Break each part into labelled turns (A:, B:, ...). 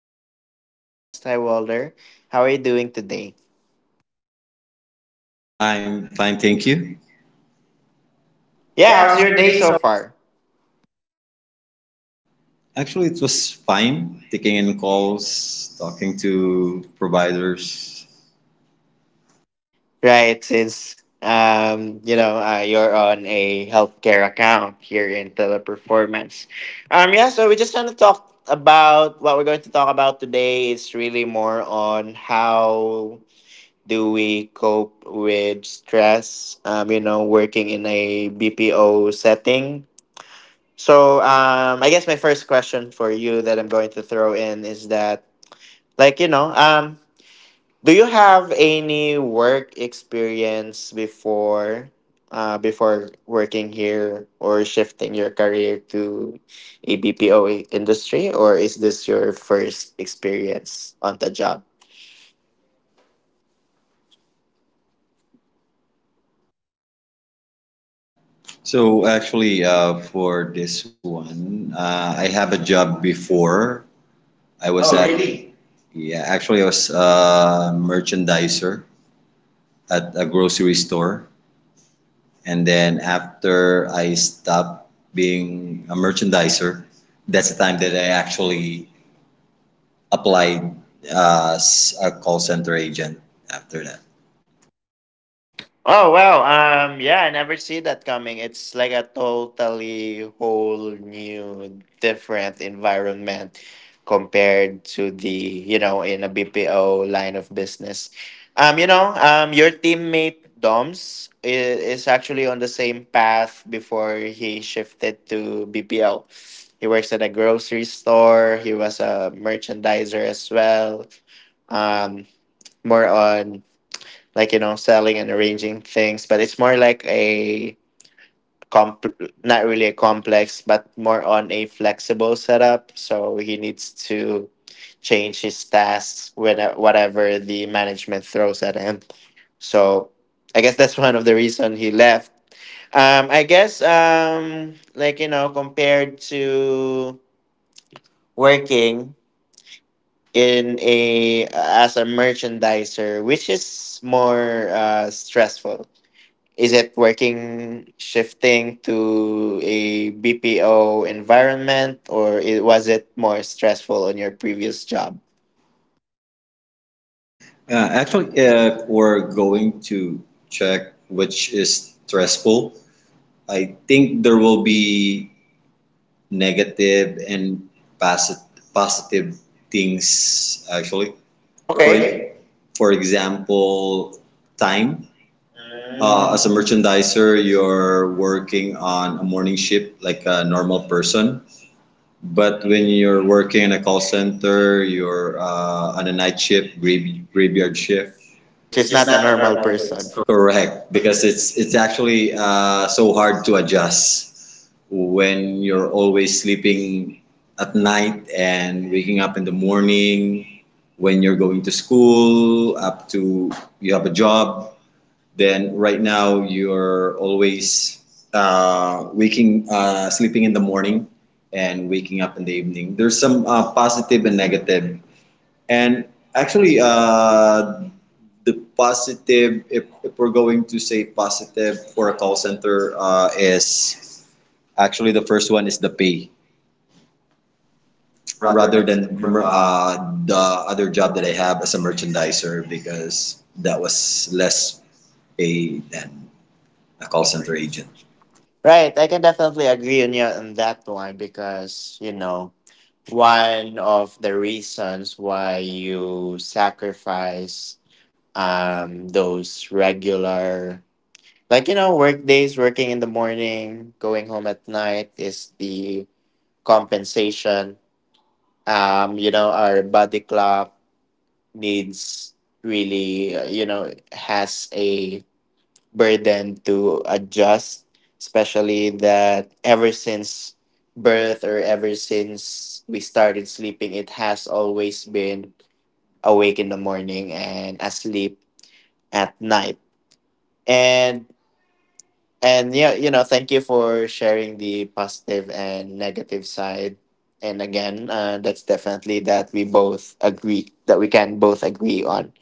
A: today's podcast. Hi, Walter. How are you doing today?
B: I'm fine, thank you.
A: Yeah,
B: Yeah,
A: how's
B: how's
A: your
B: your
A: day
B: day?
A: so far?
B: Actually, it was fine taking in calls, talking to providers.
A: Right, since you're on a healthcare account here in Teleperformance. Yeah, so we just want to talk about— what we're going to talk about today is really more on how do we cope with stress working in a BPO setting. So I guess my first question for you that I'm going to throw in is that, like you know um, do you have any work experience before, before working here, or shifting your career to a BPO industry? Or is this your first experience on the job?
B: So, actually, for this one, I have a job before. I was Oh, at, really? Yeah, actually, I was a merchandiser at a grocery store. And then after I stopped being a merchandiser, that's the time that I actually applied as a call center agent after that.
A: Oh wow, yeah, I never see that coming. It's like a totally whole new different environment compared to the, you know, in a BPO line of business. Your teammate Doms is actually on the same path before he shifted to BPO. He works at a grocery store, he was a merchandiser as well. um More on, selling and arranging things, but it's more like a comp not really a complex, but more on a flexible setup, so he needs to change his tasks when whatever the management throws at him. So I guess that's one of the reason he left. Compared to working in a as a merchandiser, which is more stressful. Is it— working shifting to a BPO environment, or was it more stressful on your previous job?
B: Actually, if we're going to check which is stressful, I think there will be negative and posit- positive things actually. For
A: Okay.
B: Okay. For example, time. Mm. As a merchandiser, you're working on a morning shift like a normal person. But when you're working in a call center, you're on a night shift, graveyard shift.
A: Which
B: Which
A: is
B: is
A: not a
B: not a
A: normal
B: normal
A: person.
B: person. Correct, because it's actually so hard to adjust when you're always sleeping at night and waking up in the morning. When you're going to school, up to you have a job, then right now you're always sleeping in the morning and waking up in the evening. There's some positive and negative. And actually, the positive, if we're going to say positive for a call center, is actually the first one is the pay
A: Rather
B: rather
A: than
B: than
A: call
B: the other job that I have as a merchandiser because that was less pay than a call center
A: center.
B: agent.
A: Right, I can definitely agree on you on that one, because you know, one of the reasons why you sacrifice those regular, like, you know, work days, working in the morning, going home at night, is the compensation. You know, our body clock needs— really, you know, has a burden to adjust, especially that ever since birth, or ever since we started sleeping, it has always been awake in the morning and asleep at night. And And yeah, you know, thank you for sharing the positive and negative side. And again, that's definitely that— we both agree that— we can both agree on.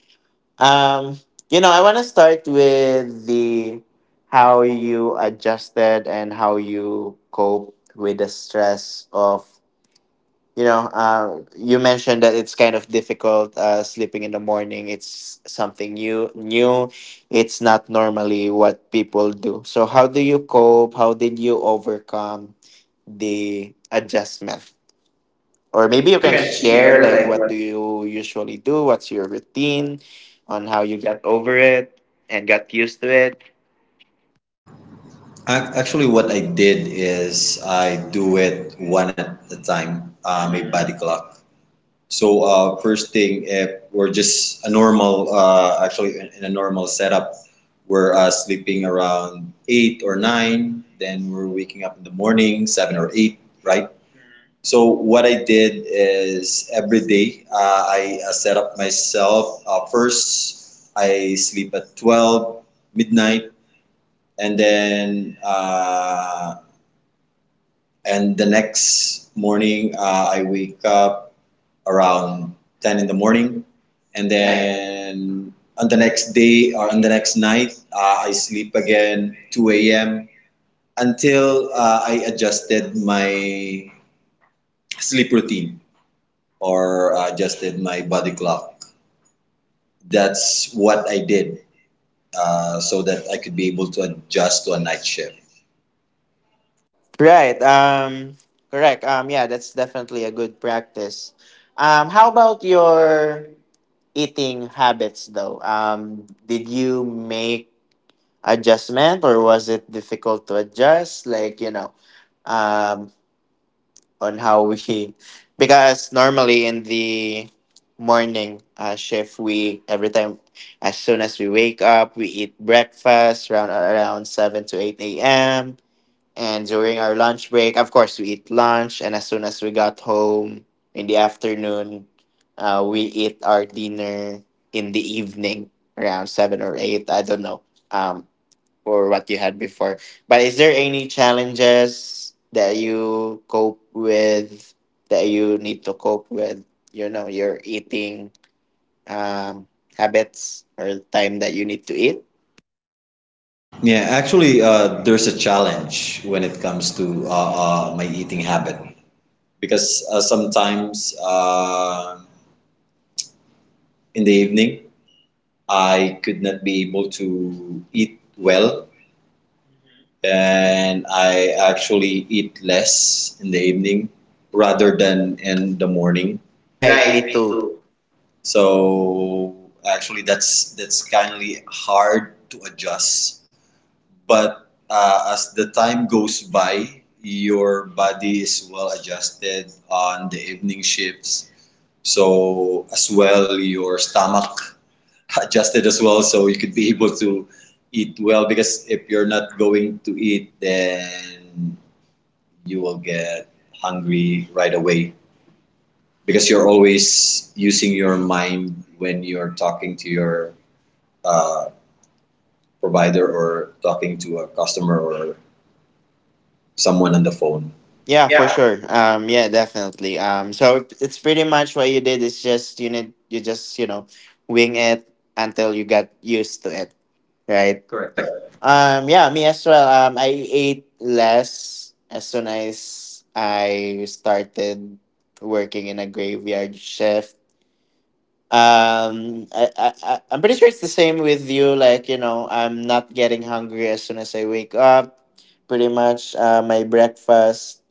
A: Um, you know, I want to start with the— how you adjusted and how you cope with the stress of, you know, you mentioned that it's kind of difficult sleeping in the morning. It's something new. It's not normally what people do. So, how do you cope? How did you overcome the adjustment? Or maybe you
B: Maybe you
A: can
B: can
A: share,
B: share
A: like,
B: like
A: what
B: what.
A: do you usually do? What's your routine on how you got over it and got used to it?
B: Actually, what I did is I do it one at a time, my body clock. So first thing, if we're just a normal, actually in a normal setup, we're sleeping around 8 or 9, then we're waking up in the morning 7 or 8, right? So what I did is every day I set up myself. First, I sleep at 12 midnight. and then uh, and the next morning I wake up around 10 in the morning, and then on the next day or on the next night I sleep again 2 a.m. until I adjusted my sleep routine or adjusted my body clock. That's what I did so that I could be able to adjust to a night shift.
A: Right. Correct. Yeah, that's definitely a good practice. How about your eating habits though? Did you make adjustment, or was it difficult to adjust, like, you know, um on how we— because normally in the morning shift, we every time, as soon as we wake up, we eat breakfast around 7 to 8 a.m., and during our lunch break, of course, we eat lunch. And as soon as we got home in the afternoon, we eat our dinner in the evening around seven or eight. I don't know, um, or what you had before. But is there any challenges that you cope with, that you need to cope with? You know, your eating um, habits, or time that you need to eat.
B: Yeah, actually, there's a challenge when it comes to my eating habit because sometimes in the evening I could not be able to eat well, and I actually eat less in the evening rather than in the morning.
A: Right,
B: Right,
A: me
B: me
A: too.
B: too. So actually, that's kindly hard to adjust but as the time goes by, your body is well adjusted on the evening shifts. So as well, your stomach adjusted as well, so you could be able to eat well. Because if you're not going to eat, then you will get hungry right away. Because you're always using your mind when you're talking to your uh, provider or talking to a customer or someone on the phone.
A: Yeah, for
B: Yeah,
A: sure. Yeah, definitely. So it's pretty much what you did is just— you need— you just, you know, wing it until you got used to it, right?
B: right?
A: Correct.
B: Correct.
A: Yeah, me as well. I ate less as soon as I started working in a graveyard shift. I'm pretty sure it's the same with you. Like, you know, I'm not getting hungry as soon as I wake up. Pretty much, my breakfast,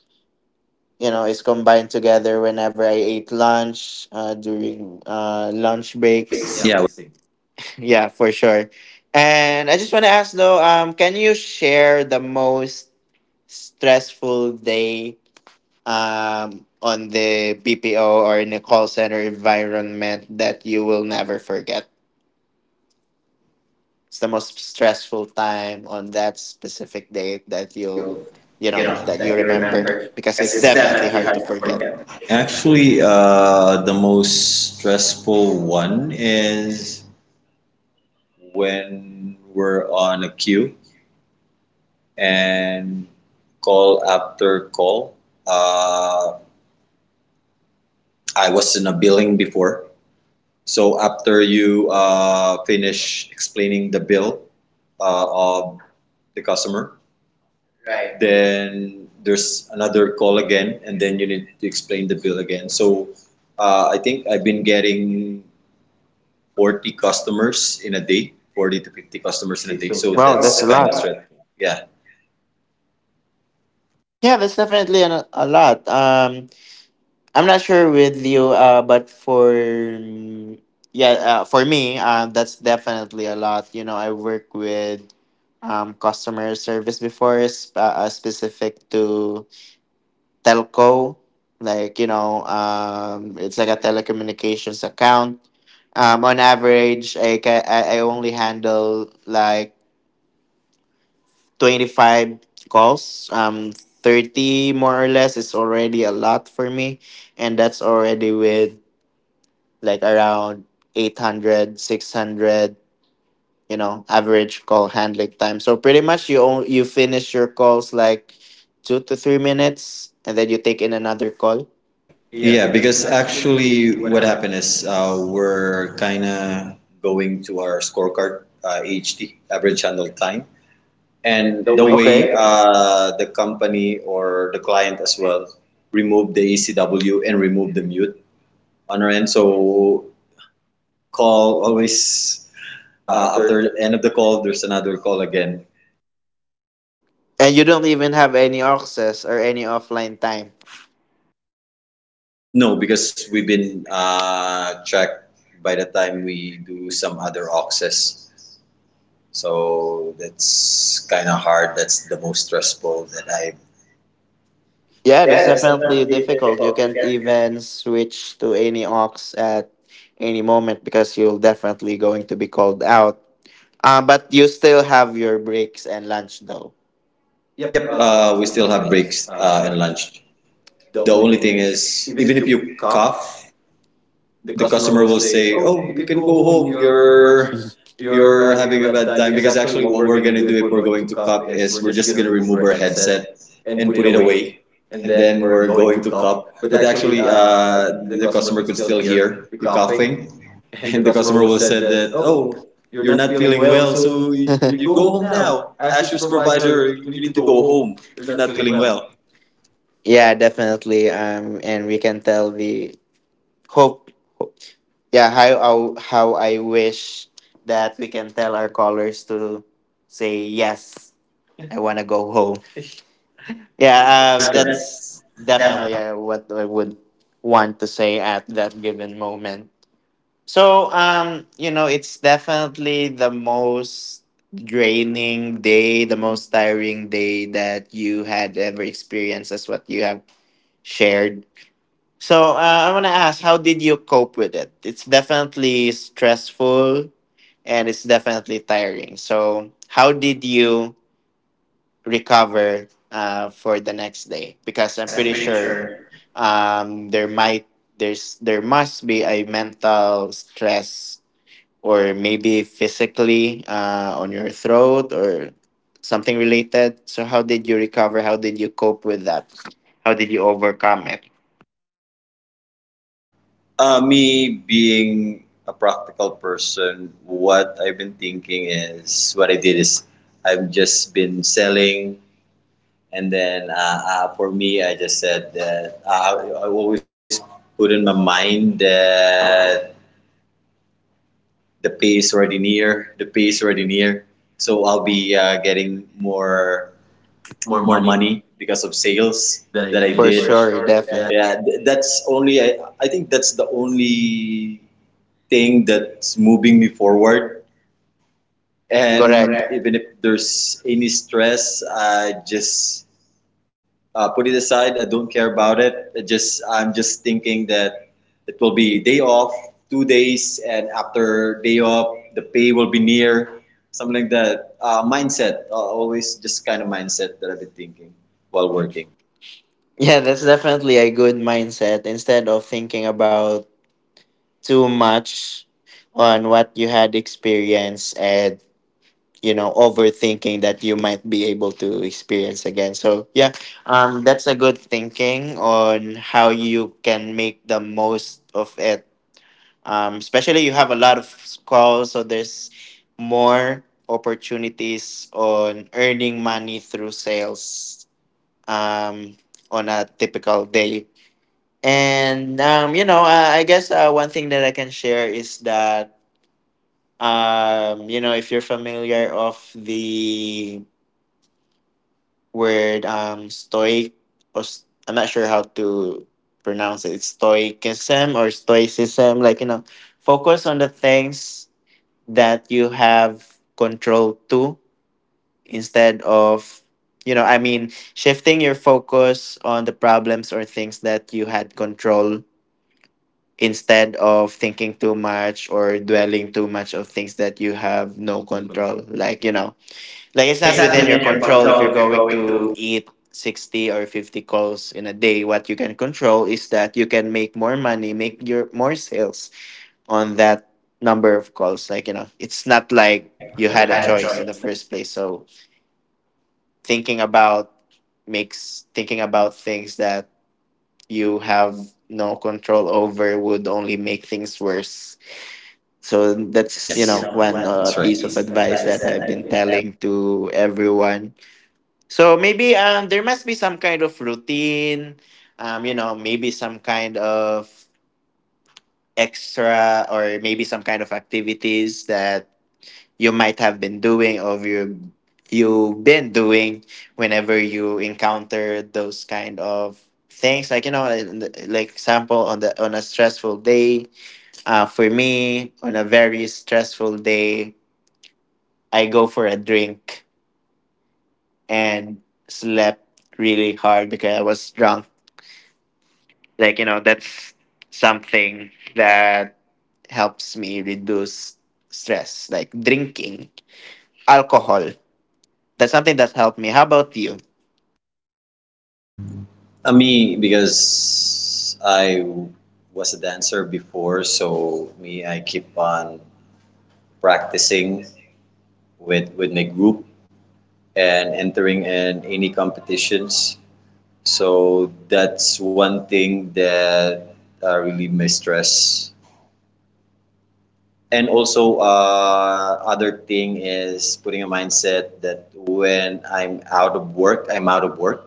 A: you know, is combined together whenever I ate lunch during lunch breaks.
B: Breaks.
A: Yeah, we're
B: Yeah.
A: the same. Yeah, for sure. And I just want to ask though, can you share the most stressful day, on the BPO or in the call center environment, that you will never forget? It's the most stressful time on that specific day that
B: That
A: you'll,
B: you,
A: you
B: you
A: know,
B: know,
A: that you
B: that you
A: remember,
B: remember,
A: because
B: because
A: it's
B: it's
A: definitely
B: definitely
A: hard
B: hard
A: to
B: to
A: forget.
B: forget. Actually, the most stressful one is when we're on a queue and call after call. Uh, I was in a billing before, so after you finish explaining the bill of the customer, right. Then there's another call again and then you need to explain the bill again, so I think I've been getting 40 customers in a day, 40 to 50 customers in a day, so wow,
A: Wow,
B: that's
A: that's a
B: a kind of
A: lot.
B: tough, stressful, yeah.
A: Yeah, that's definitely a lot. I'm not sure with you, but for— yeah, for me, that's definitely a lot. You know, I work with customer service before, specific to telco. Like, you know, it's like a telecommunications account. On average, I, ca- I only handle like 25 calls. 30 more or less is already a lot for me. And that's already with like around 800, 600, you know, average call handling time. So pretty much you, you finish your calls like 2 to 3 minutes, and then you take in another call. Yeah,
B: Yeah,
A: because
B: because actually
A: actually, what
B: what
A: happened?
B: happened is we're kind of going to our scorecard, AHT, average handle time, and
A: The
B: the
A: way—
B: way,
A: okay,
B: okay, the company or the client as well remove the ECW and remove the mute on our end. So call always,
A: after—
B: after end of the call, there's another call again.
A: and you don't even have any access or any offline time.
B: No, because we've been tracked by the time we do some other auxes. So that's kind of hard. That's the most stressful that I.
A: Yeah, that's
B: Yeah, that's
A: definitely
B: definitely
A: difficult. You
B: difficult. You
A: can't
B: can.
A: even switch to any aux at any moment, because you'll definitely going to be called out. But you still have your breaks and lunch though. Yep,
B: Yep,
A: we
B: we
A: still
B: still
A: have
B: have
A: breaks
B: breaks
A: and
B: and
A: lunch.
B: lunch.
A: The
B: The
A: only
B: only
A: thing
B: thing
A: is,
B: is,
A: even
B: even
A: if
B: if
A: you
B: you
A: cough,
B: cough,
A: the
B: the
A: customer
B: customer
A: will
B: will
A: say,
B: say, "Oh,
A: "Oh, you
B: you
A: can
B: can
A: go
B: go
A: home.
B: home.
A: You're
B: You're
A: you're
B: you're
A: having a
B: having a
A: bad
B: bad
A: time."
B: time."
A: Because
B: Because
A: actually,
B: actually,
A: what
B: what
A: we're
B: we're
A: gonna
B: gonna
A: do
B: do
A: if
B: if
A: we're
B: we're
A: going to
B: going to
A: cup
B: cup
A: is
B: is
A: we're
B: we're
A: just
B: just
A: gonna
B: gonna
A: remove
B: remove
A: our
B: our
A: headset
B: headset
A: and
B: and
A: put it
B: put it
A: away,
B: away,
A: and
B: and
A: then
B: then
A: we're
B: we're
A: going
B: going
A: to
B: to
A: cup.
B: cup.
A: But
B: But
A: actually,
B: actually,
A: the
B: the
A: customer
B: customer
A: could
B: could
A: still
B: still
A: hear
B: hear
A: the
B: you
A: coughing,
B: coughing,
A: and the
B: and the
A: customer
B: customer
A: will
B: will
A: said
B: said
A: that,
B: that,
A: "Oh,
B: "Oh,
A: you're
B: you're
A: not
B: not
A: feeling
B: feeling
A: well,
B: well,
A: so
B: so you,
A: you
B: you go
A: go home
B: home
A: now.
B: now.
A: Ask your
B: Ask your
A: supervisor.
B: supervisor.
A: You
B: You
A: need to
B: need to
A: go
B: go
A: home.
B: home.
A: You're
B: You're
A: not
B: not
A: feeling
B: feeling
A: well."
B: well."
A: Yeah, definitely. And we can tell the— hope— yeah, how I wish that we can tell our callers to say, "Yes, I want to go home." Yeah,
B: Yeah, yes, correct.
A: that's
B: That's definitely
A: definitely what I would want to say at that given moment. So you know, it's definitely the most draining day, the most tiring day that you had ever experienced, as what you have shared. So I want to ask, how did you cope with it? It's definitely stressful, and it's definitely tiring. So, how did you recover for the next day? Because I'm
B: because I'm
A: pretty
B: pretty
A: sure
B: sure.
A: there might— there's— there must be a mental stress, or maybe physically on your throat or something related. So, how did you recover? How did you cope with that? How did you overcome it?
B: Me being a practical person, what I've been thinking is what I did is I've just been selling, and then for me, I just said that I always put in my mind that the pay is already near, the pay is already near, so I'll be getting more
A: More
B: more
A: money
B: money because of sales
A: than I
B: that I
A: did. For
B: did. For
A: sure,
B: sure,
A: definitely.
B: definitely. Yeah, that's only I think that's the only thing that's moving me forward.
A: And
B: And,
A: correct.
B: correct, even if there's any stress, I just put it aside. I don't care about it. I'm just thinking that it will be day off, 2 days, and after day off, the pay will be near. Something like that. Mindset, always just kind of mindset that I've been thinking while
A: Working.
B: working.
A: Yeah, that's definitely a good mindset instead of thinking about too much on what you had experienced, and you know, overthinking that you might be able to experience again. So yeah, that's a good thinking on how you can make the most of it. Especially you have a lot of calls, so there's more opportunities on earning money through sales um on a typical day. And you know, I guess one thing that I can share is that, you know, if you're familiar of the word stoic— or I'm not sure how to pronounce it. It's stoicism or stoicism, like, you know, focus on the things that you have control to, instead of— you know, I mean, shifting your focus on the problems or things that you had control, instead of thinking too much or dwelling too much of things that you have no control. Like, you know, like it's
B: That is
A: not
B: not
A: within your
B: within your
A: control if you're
B: control if you're
A: going
B: going
A: to
B: to,
A: eat 60 or 50 calls in a day. What you can control is that you can make more money, make your more sales on that number of calls. Like, you know, it's not like
B: like
A: you
B: you
A: had a
B: had a
A: choice in the
B: choice.
A: first place. So thinking about— makes— thinking about things that you have no control over would only make things worse. So
B: That's,
A: that's, you
B: yes, you
A: know,
B: know
A: one
B: one that's, right,
A: piece of
B: piece of
A: advice
B: advice
A: that
B: that
A: I've been
B: I've been.
A: telling to everyone. So maybe there must be some kind of routine, you know, maybe some kind of extra, or maybe some kind of activities that you might have been doing, or you— you've been doing whenever you encounter those kind of things. Like, you know, like example, on the— on a stressful day, for me, on a very stressful day, I go for a drink and slept really hard because I was drunk. Like, you know, that's something that helps me reduce stress, like drinking, alcohol. That's something that helped me. How about you?
B: Me, because I was a dancer before, so me, I keep on practicing with my group and entering in any competitions. So that's one thing that relieve my stress. And also, other thing is putting a mindset that when I'm out of work, I'm out of work.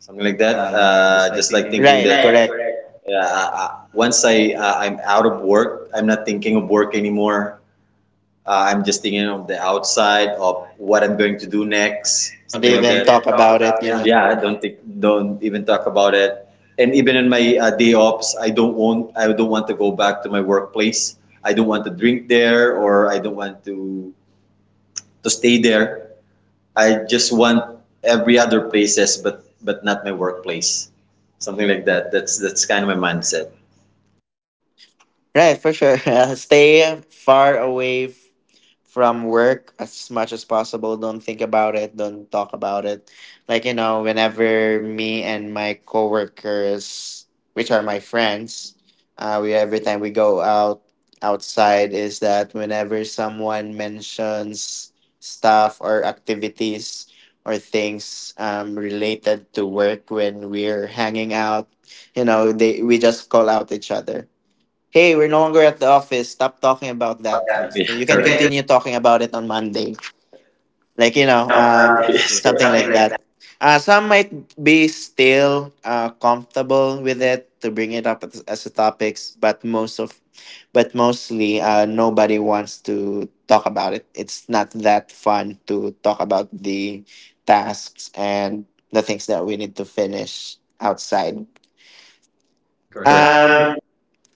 B: Something like that.
A: Just like
B: Just like
A: thinking.
B: thinking
A: Right,
B: that right,
A: correct.
B: correct. Yeah, once I I'm out of work, I'm not thinking of work anymore. I'm just thinking of the outside of what I'm going to do next,
A: Something don't like
B: something like
A: even
B: that. Don't
A: talk
B: even talk
A: about it.
B: about it.
A: You
B: Yeah, don't even talk about it. And even in my day offs, I don't want to go back to my workplace. I don't want to drink there, or I don't want to stay there. I just want every other places, but not my workplace. Something like that. That's kind of my mindset.
A: right, for sure. Stay far away from work as much as possible. Don't think about it. Don't talk about it. Like, you know, whenever me and my coworkers, which are my friends, we every time we go out outside is that whenever someone mentions stuff or activities or things related to work when we're hanging out, you know, they we just call out each other. Hey, we're no longer at the office. Stop talking about
B: About
A: that.
B: that. Yeah, we,
A: So you can
B: correct. We can
A: continue talking about it on Monday. Like, you
B: do,
A: know,
B: yes, correct.
A: something
B: Something
A: like
B: like
A: that.
B: that.
A: Some might be still comfortable with it to bring it up as, a topics, but but mostly nobody wants to talk about it. It's not that fun to talk about the tasks and the things that we need to finish outside.
B: Correct.
A: Um,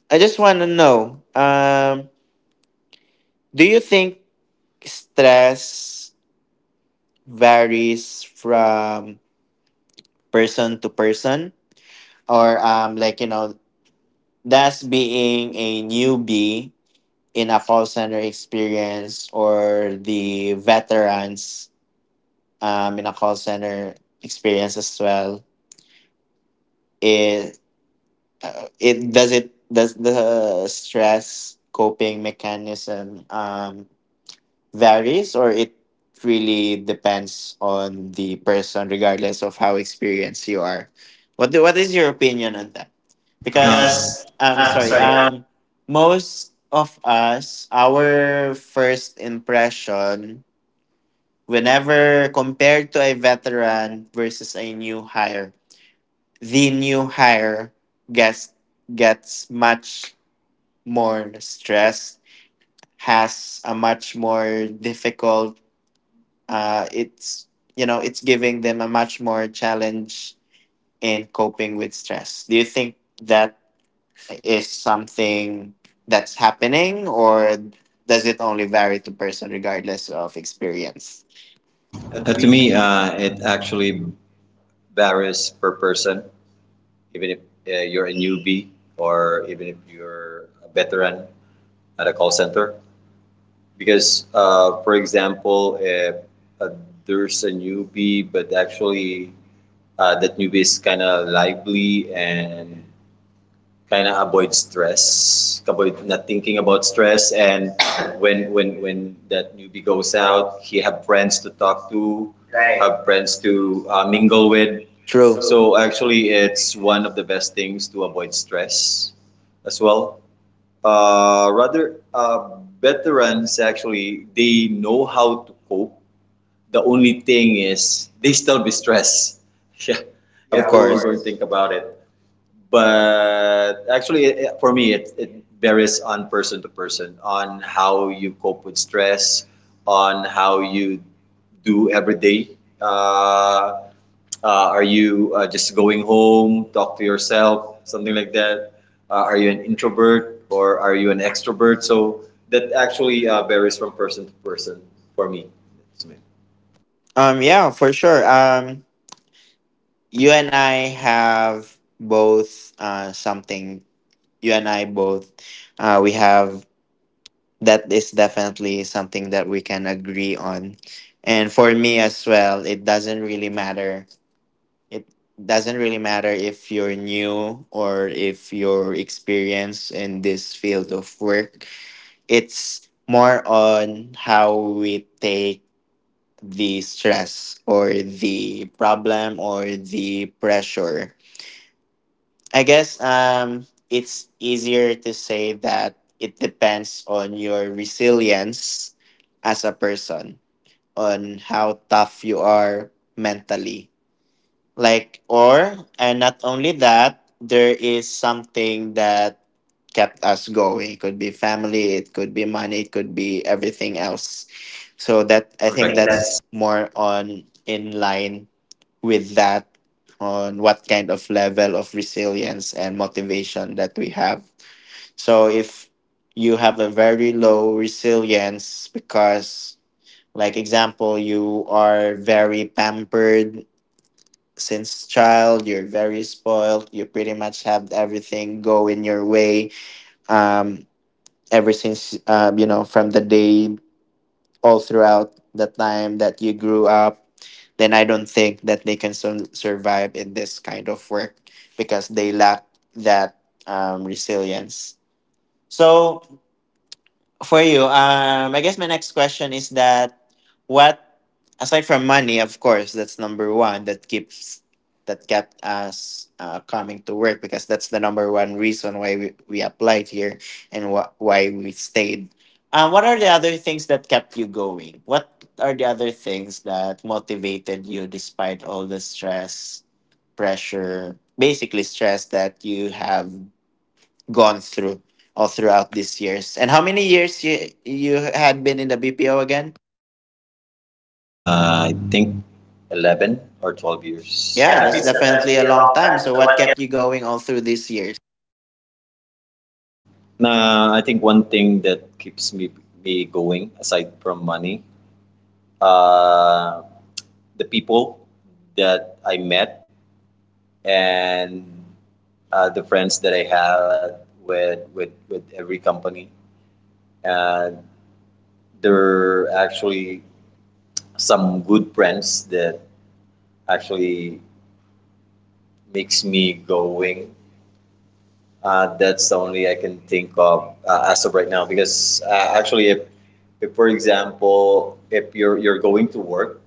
A: I just want to know. Do you think stress varies from person to person? Or like you know, does being a newbie in a call center experience or the veterans in a call center experience as well it it does the stress coping mechanism varies or it really depends on the person regardless of how experienced you are? What do, what is your opinion on that? Because
B: Because,
A: I'm sorry,
B: sorry,
A: most of us, our first impression whenever compared to a veteran versus a new hire, the new hire gets gets much more stressed, has a much more difficult it's you know, it's giving them a much more challenge in coping with stress. Do you think that is something that's happening, or does it only vary to person regardless of experience? Uh, to
B: To
A: me,
B: me, it actually varies per person. Even if you're a newbie or even if you're a veteran at a call center, because for example, if uh, there's a newbie but actually that newbie is kind of lively and kind of avoid stress, avoid not thinking about stress. And when that newbie goes out, he have friends to talk to, right, have friends to mingle with.
A: true.
B: True. So actually, it's one of the best things to avoid stress as well. Rather, veterans actually they know how to cope, the only thing is they still be stressed. Yeah,
A: Yeah, of
B: yeah, if we are
A: course.
B: going to think about it. But actually, for me, it varies on person to person, on how you cope with stress, on how you do every day. Uh, are you just going home, talk to yourself, something like that? Are you an introvert or are you an extrovert? So that actually varies from person to person for me. That's me.
A: Yeah, for sure. You and I have both something. You and I both. We have that is definitely something that we can agree on. And for me as well, it doesn't really matter. It doesn't really matter if you're new or if you're experienced in this field of work. It's more on how we take the stress or the problem or the pressure. I guess it's easier to say that it depends on your resilience as a person, on how tough you are mentally. And not only that, there is something that kept us going. It could be family, it could be money, it could be everything else. So, that
B: That
A: I
B: I,
A: think
B: correct, think that's.
A: that's more on in line with that, on what kind of level of resilience and motivation that we have. So if you have a very low resilience, because like example, you are very pampered since child, you're very spoiled, you pretty much have everything go in your way, um ever since, you know, from the day, all throughout the time that you grew up, then I don't think that they can survive in this kind of work because they lack that resilience. So for you, I guess my next question is that what, aside from money, of course, that's number one that keeps that kept us coming to work, because that's the number one reason why we applied here and why we stayed. What are the other things that kept you going? What are the other things that motivated you despite all the stress, pressure, basically stress that you have gone through all throughout these years? And how many years you had been in the BPO again?
B: I think 11 or 12
A: Years.
B: years.
A: Yeah,
B: Yeah,
A: that's
B: this is
A: definitely a
B: definitely a
A: long
B: long
A: time.
B: time.
A: So
B: So
A: what
B: what can.
A: kept you going all through these years?
B: Nah, I think one thing that keeps me going aside from money, uh, the people that I met and the friends that I had with every company, and they're actually some good friends that actually makes me going. That's the only I can think of as of right now because actually, if for example, if you're going to work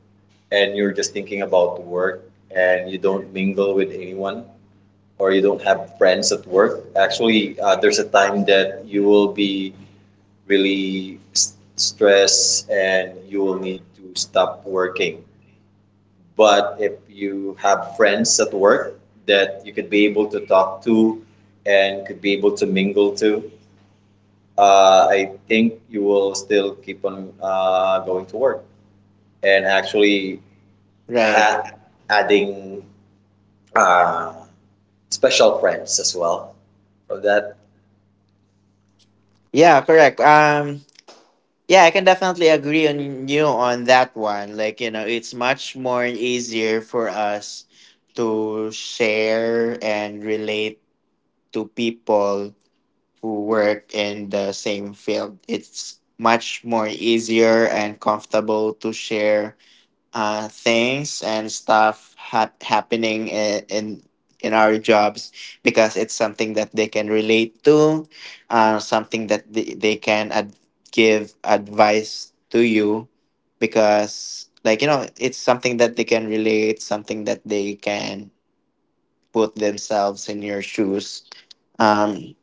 B: and you're just thinking about work and you don't mingle with anyone or you don't have friends at work, actually, there's a time that you will be really stressed and you will need to stop working, but if you have friends at work that you could be able to talk to and could be able to mingle to, I think you will still keep on going to work and actually
A: Right.
B: add, adding uh, special friends as well. For that,
A: Yeah, correct. Yeah, I can definitely agree on you on that one. Like, you know, it's much more easier for us to share and relate to people who work in the same field. It's much more easier and comfortable to share things and stuff happening in our jobs, because it's something that they can relate to, something that they can give advice to you, because like you know, it's something that they can relate, something that they can put themselves in your shoes, um,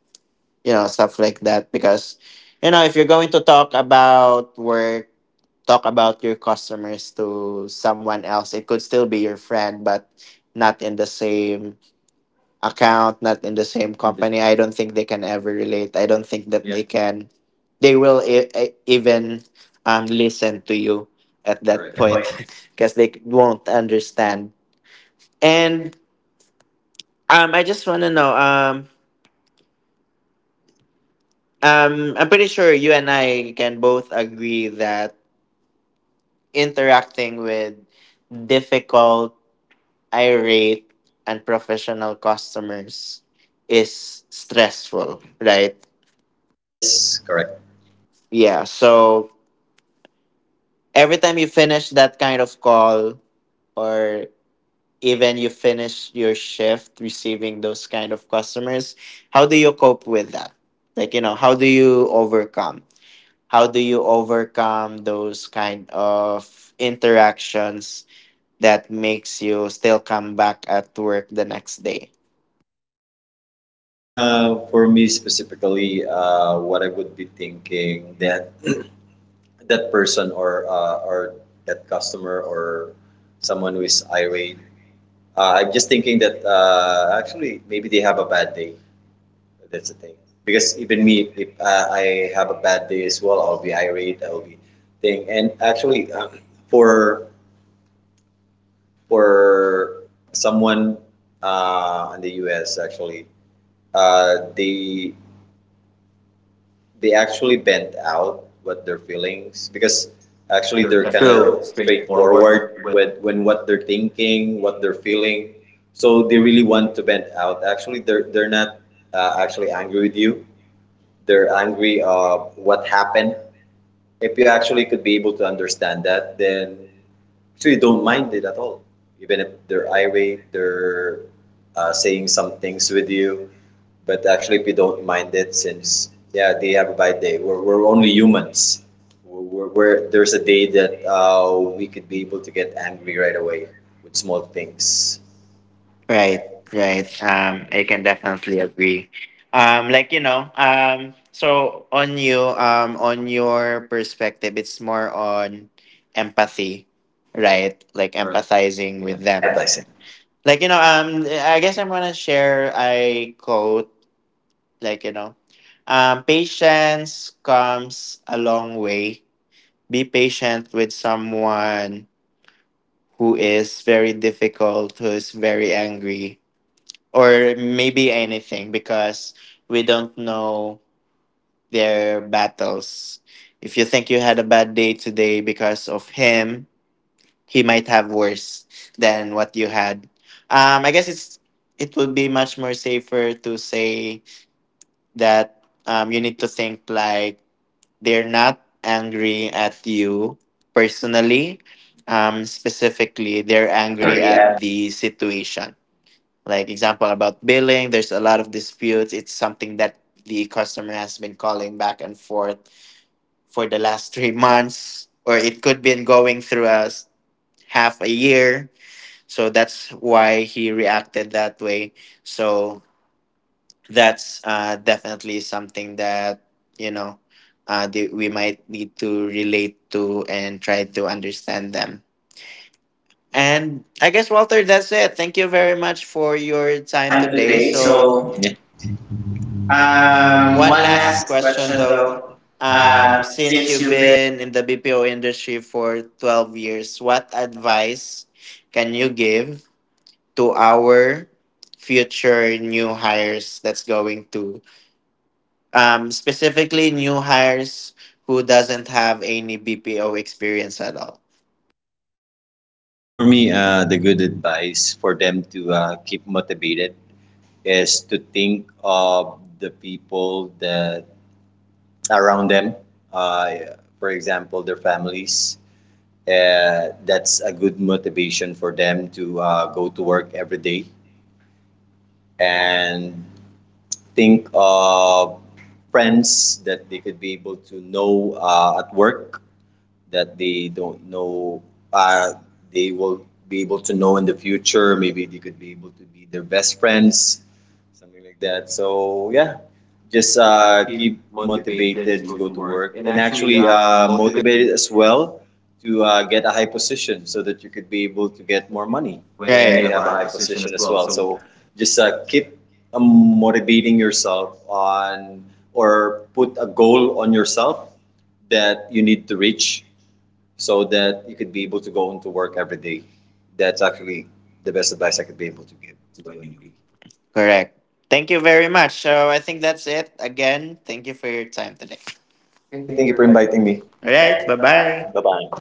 A: you know, stuff like that, because you know, if you're going to talk about work, talk about your customers to someone else. It could still be your friend, but not in the same account, not in the same company. I don't think they can ever relate. I don't think that yeah, they can, they will even listen to you at that right
B: correct.
A: point. Because they won't understand. And I just want to know, I'm pretty sure you and I can both agree that interacting with difficult, irate, unprofessional customers is stressful, right?
B: Yes, correct.
A: Yeah. So every time you finish that kind of call, or even you finish your shift receiving those kind of customers, how do you cope with that? Like, you know, how do you overcome? How do you overcome those kind of interactions that makes you still come back at work the next day?
B: For me specifically, what I would be thinking that that person or or that customer or someone who is irate. I'm just thinking that actually maybe they have a bad day. That's the thing. Because even me, if I have a bad day as well, I'll be irate. I'll be thing. And actually, for for someone in the U.S. actually, uh, they they actually bent out what their feelings because actually they're kind
A: True.
B: of straightforward with when what they're thinking, what they're feeling. So they really want to vent out. Actually, they're not actually angry with you. They're angry. What happened. If you actually could be able to understand that, then actually don't mind it at all. Even if they're irate, they're saying some things with you. But actually, we don't mind it since yeah, they have a bad day. We're only humans. There's a day that we could be able to get angry right away with small things.
A: Right,
B: Right,
A: right. I can definitely agree. Like you know, so on you, on your perspective, it's more on empathy, right? Like right, empathizing
B: right.
A: with
B: Yeah,
A: them.
B: that I it.
A: Like you know, I guess I'm gonna share a quote. Like you know, patience comes a long way. Be patient with someone who is very difficult, who is very angry or maybe anything, because we don't know their battles. If you think you had a bad day today because of him, he might have worse than what you had. I guess it's, it would be much more safer to say that you need to think like they're not angry at you personally. Specifically, they're angry
B: Angry
A: at
B: at
A: the situation, like example about billing, there's a lot of disputes. It's something that the customer has been calling back and forth for the last three months, or it could been going through us half a year, so that's why he reacted that way. So that's definitely something that you know, we might need to relate to and try to understand them. And I guess, Walter, that's it. Thank you very much for your time
B: time
A: today.
B: today. So,
A: So
B: yeah.
A: One
B: One
A: last
B: last
A: question
B: question
A: though.
B: though.
A: Since
B: Since
A: you've
B: you've been.
A: been in the BPO industry for 12 years, what advice can you give to our future new hires that's going to, specifically new hires who doesn't have any BPO experience at all?
B: Okay, for me, the good advice for them to keep motivated is to think of the people that around them, uh, for example, their families. That's a good motivation for them to go to work every day and think of friends that they could be able to know at work that they don't know, uh, they will be able to know in the future, maybe they could be able to be their best friends, something like that, so yeah, just
A: Keep
B: keep
A: motivated to
B: motivated to
A: go to
B: go to
A: work
B: work
A: and
B: and
A: actually
B: actually
A: motivate
B: motivated as well to get a high position so that you could be able to get more money
A: when you
B: when,
A: right,
B: right, you
A: have a
B: have a
A: high
B: high
A: position
B: position
A: as
B: as
A: well.
B: well,
A: So
B: so just keep motivating yourself on or put a goal on yourself that you need to reach so that you could be able to go into work every day. That's actually the best advice I could be able to give to a newbie.
A: correct. Thank you very much. So I think that's it. Again, thank you for your time today. Okay,
B: Okay,
A: thank
B: thank
A: you
B: you
A: for
B: for
A: inviting
B: inviting
A: me.
B: me.
A: All
B: All
A: right. Bye
B: right,
A: bye.
B: bye-bye. Bye bye.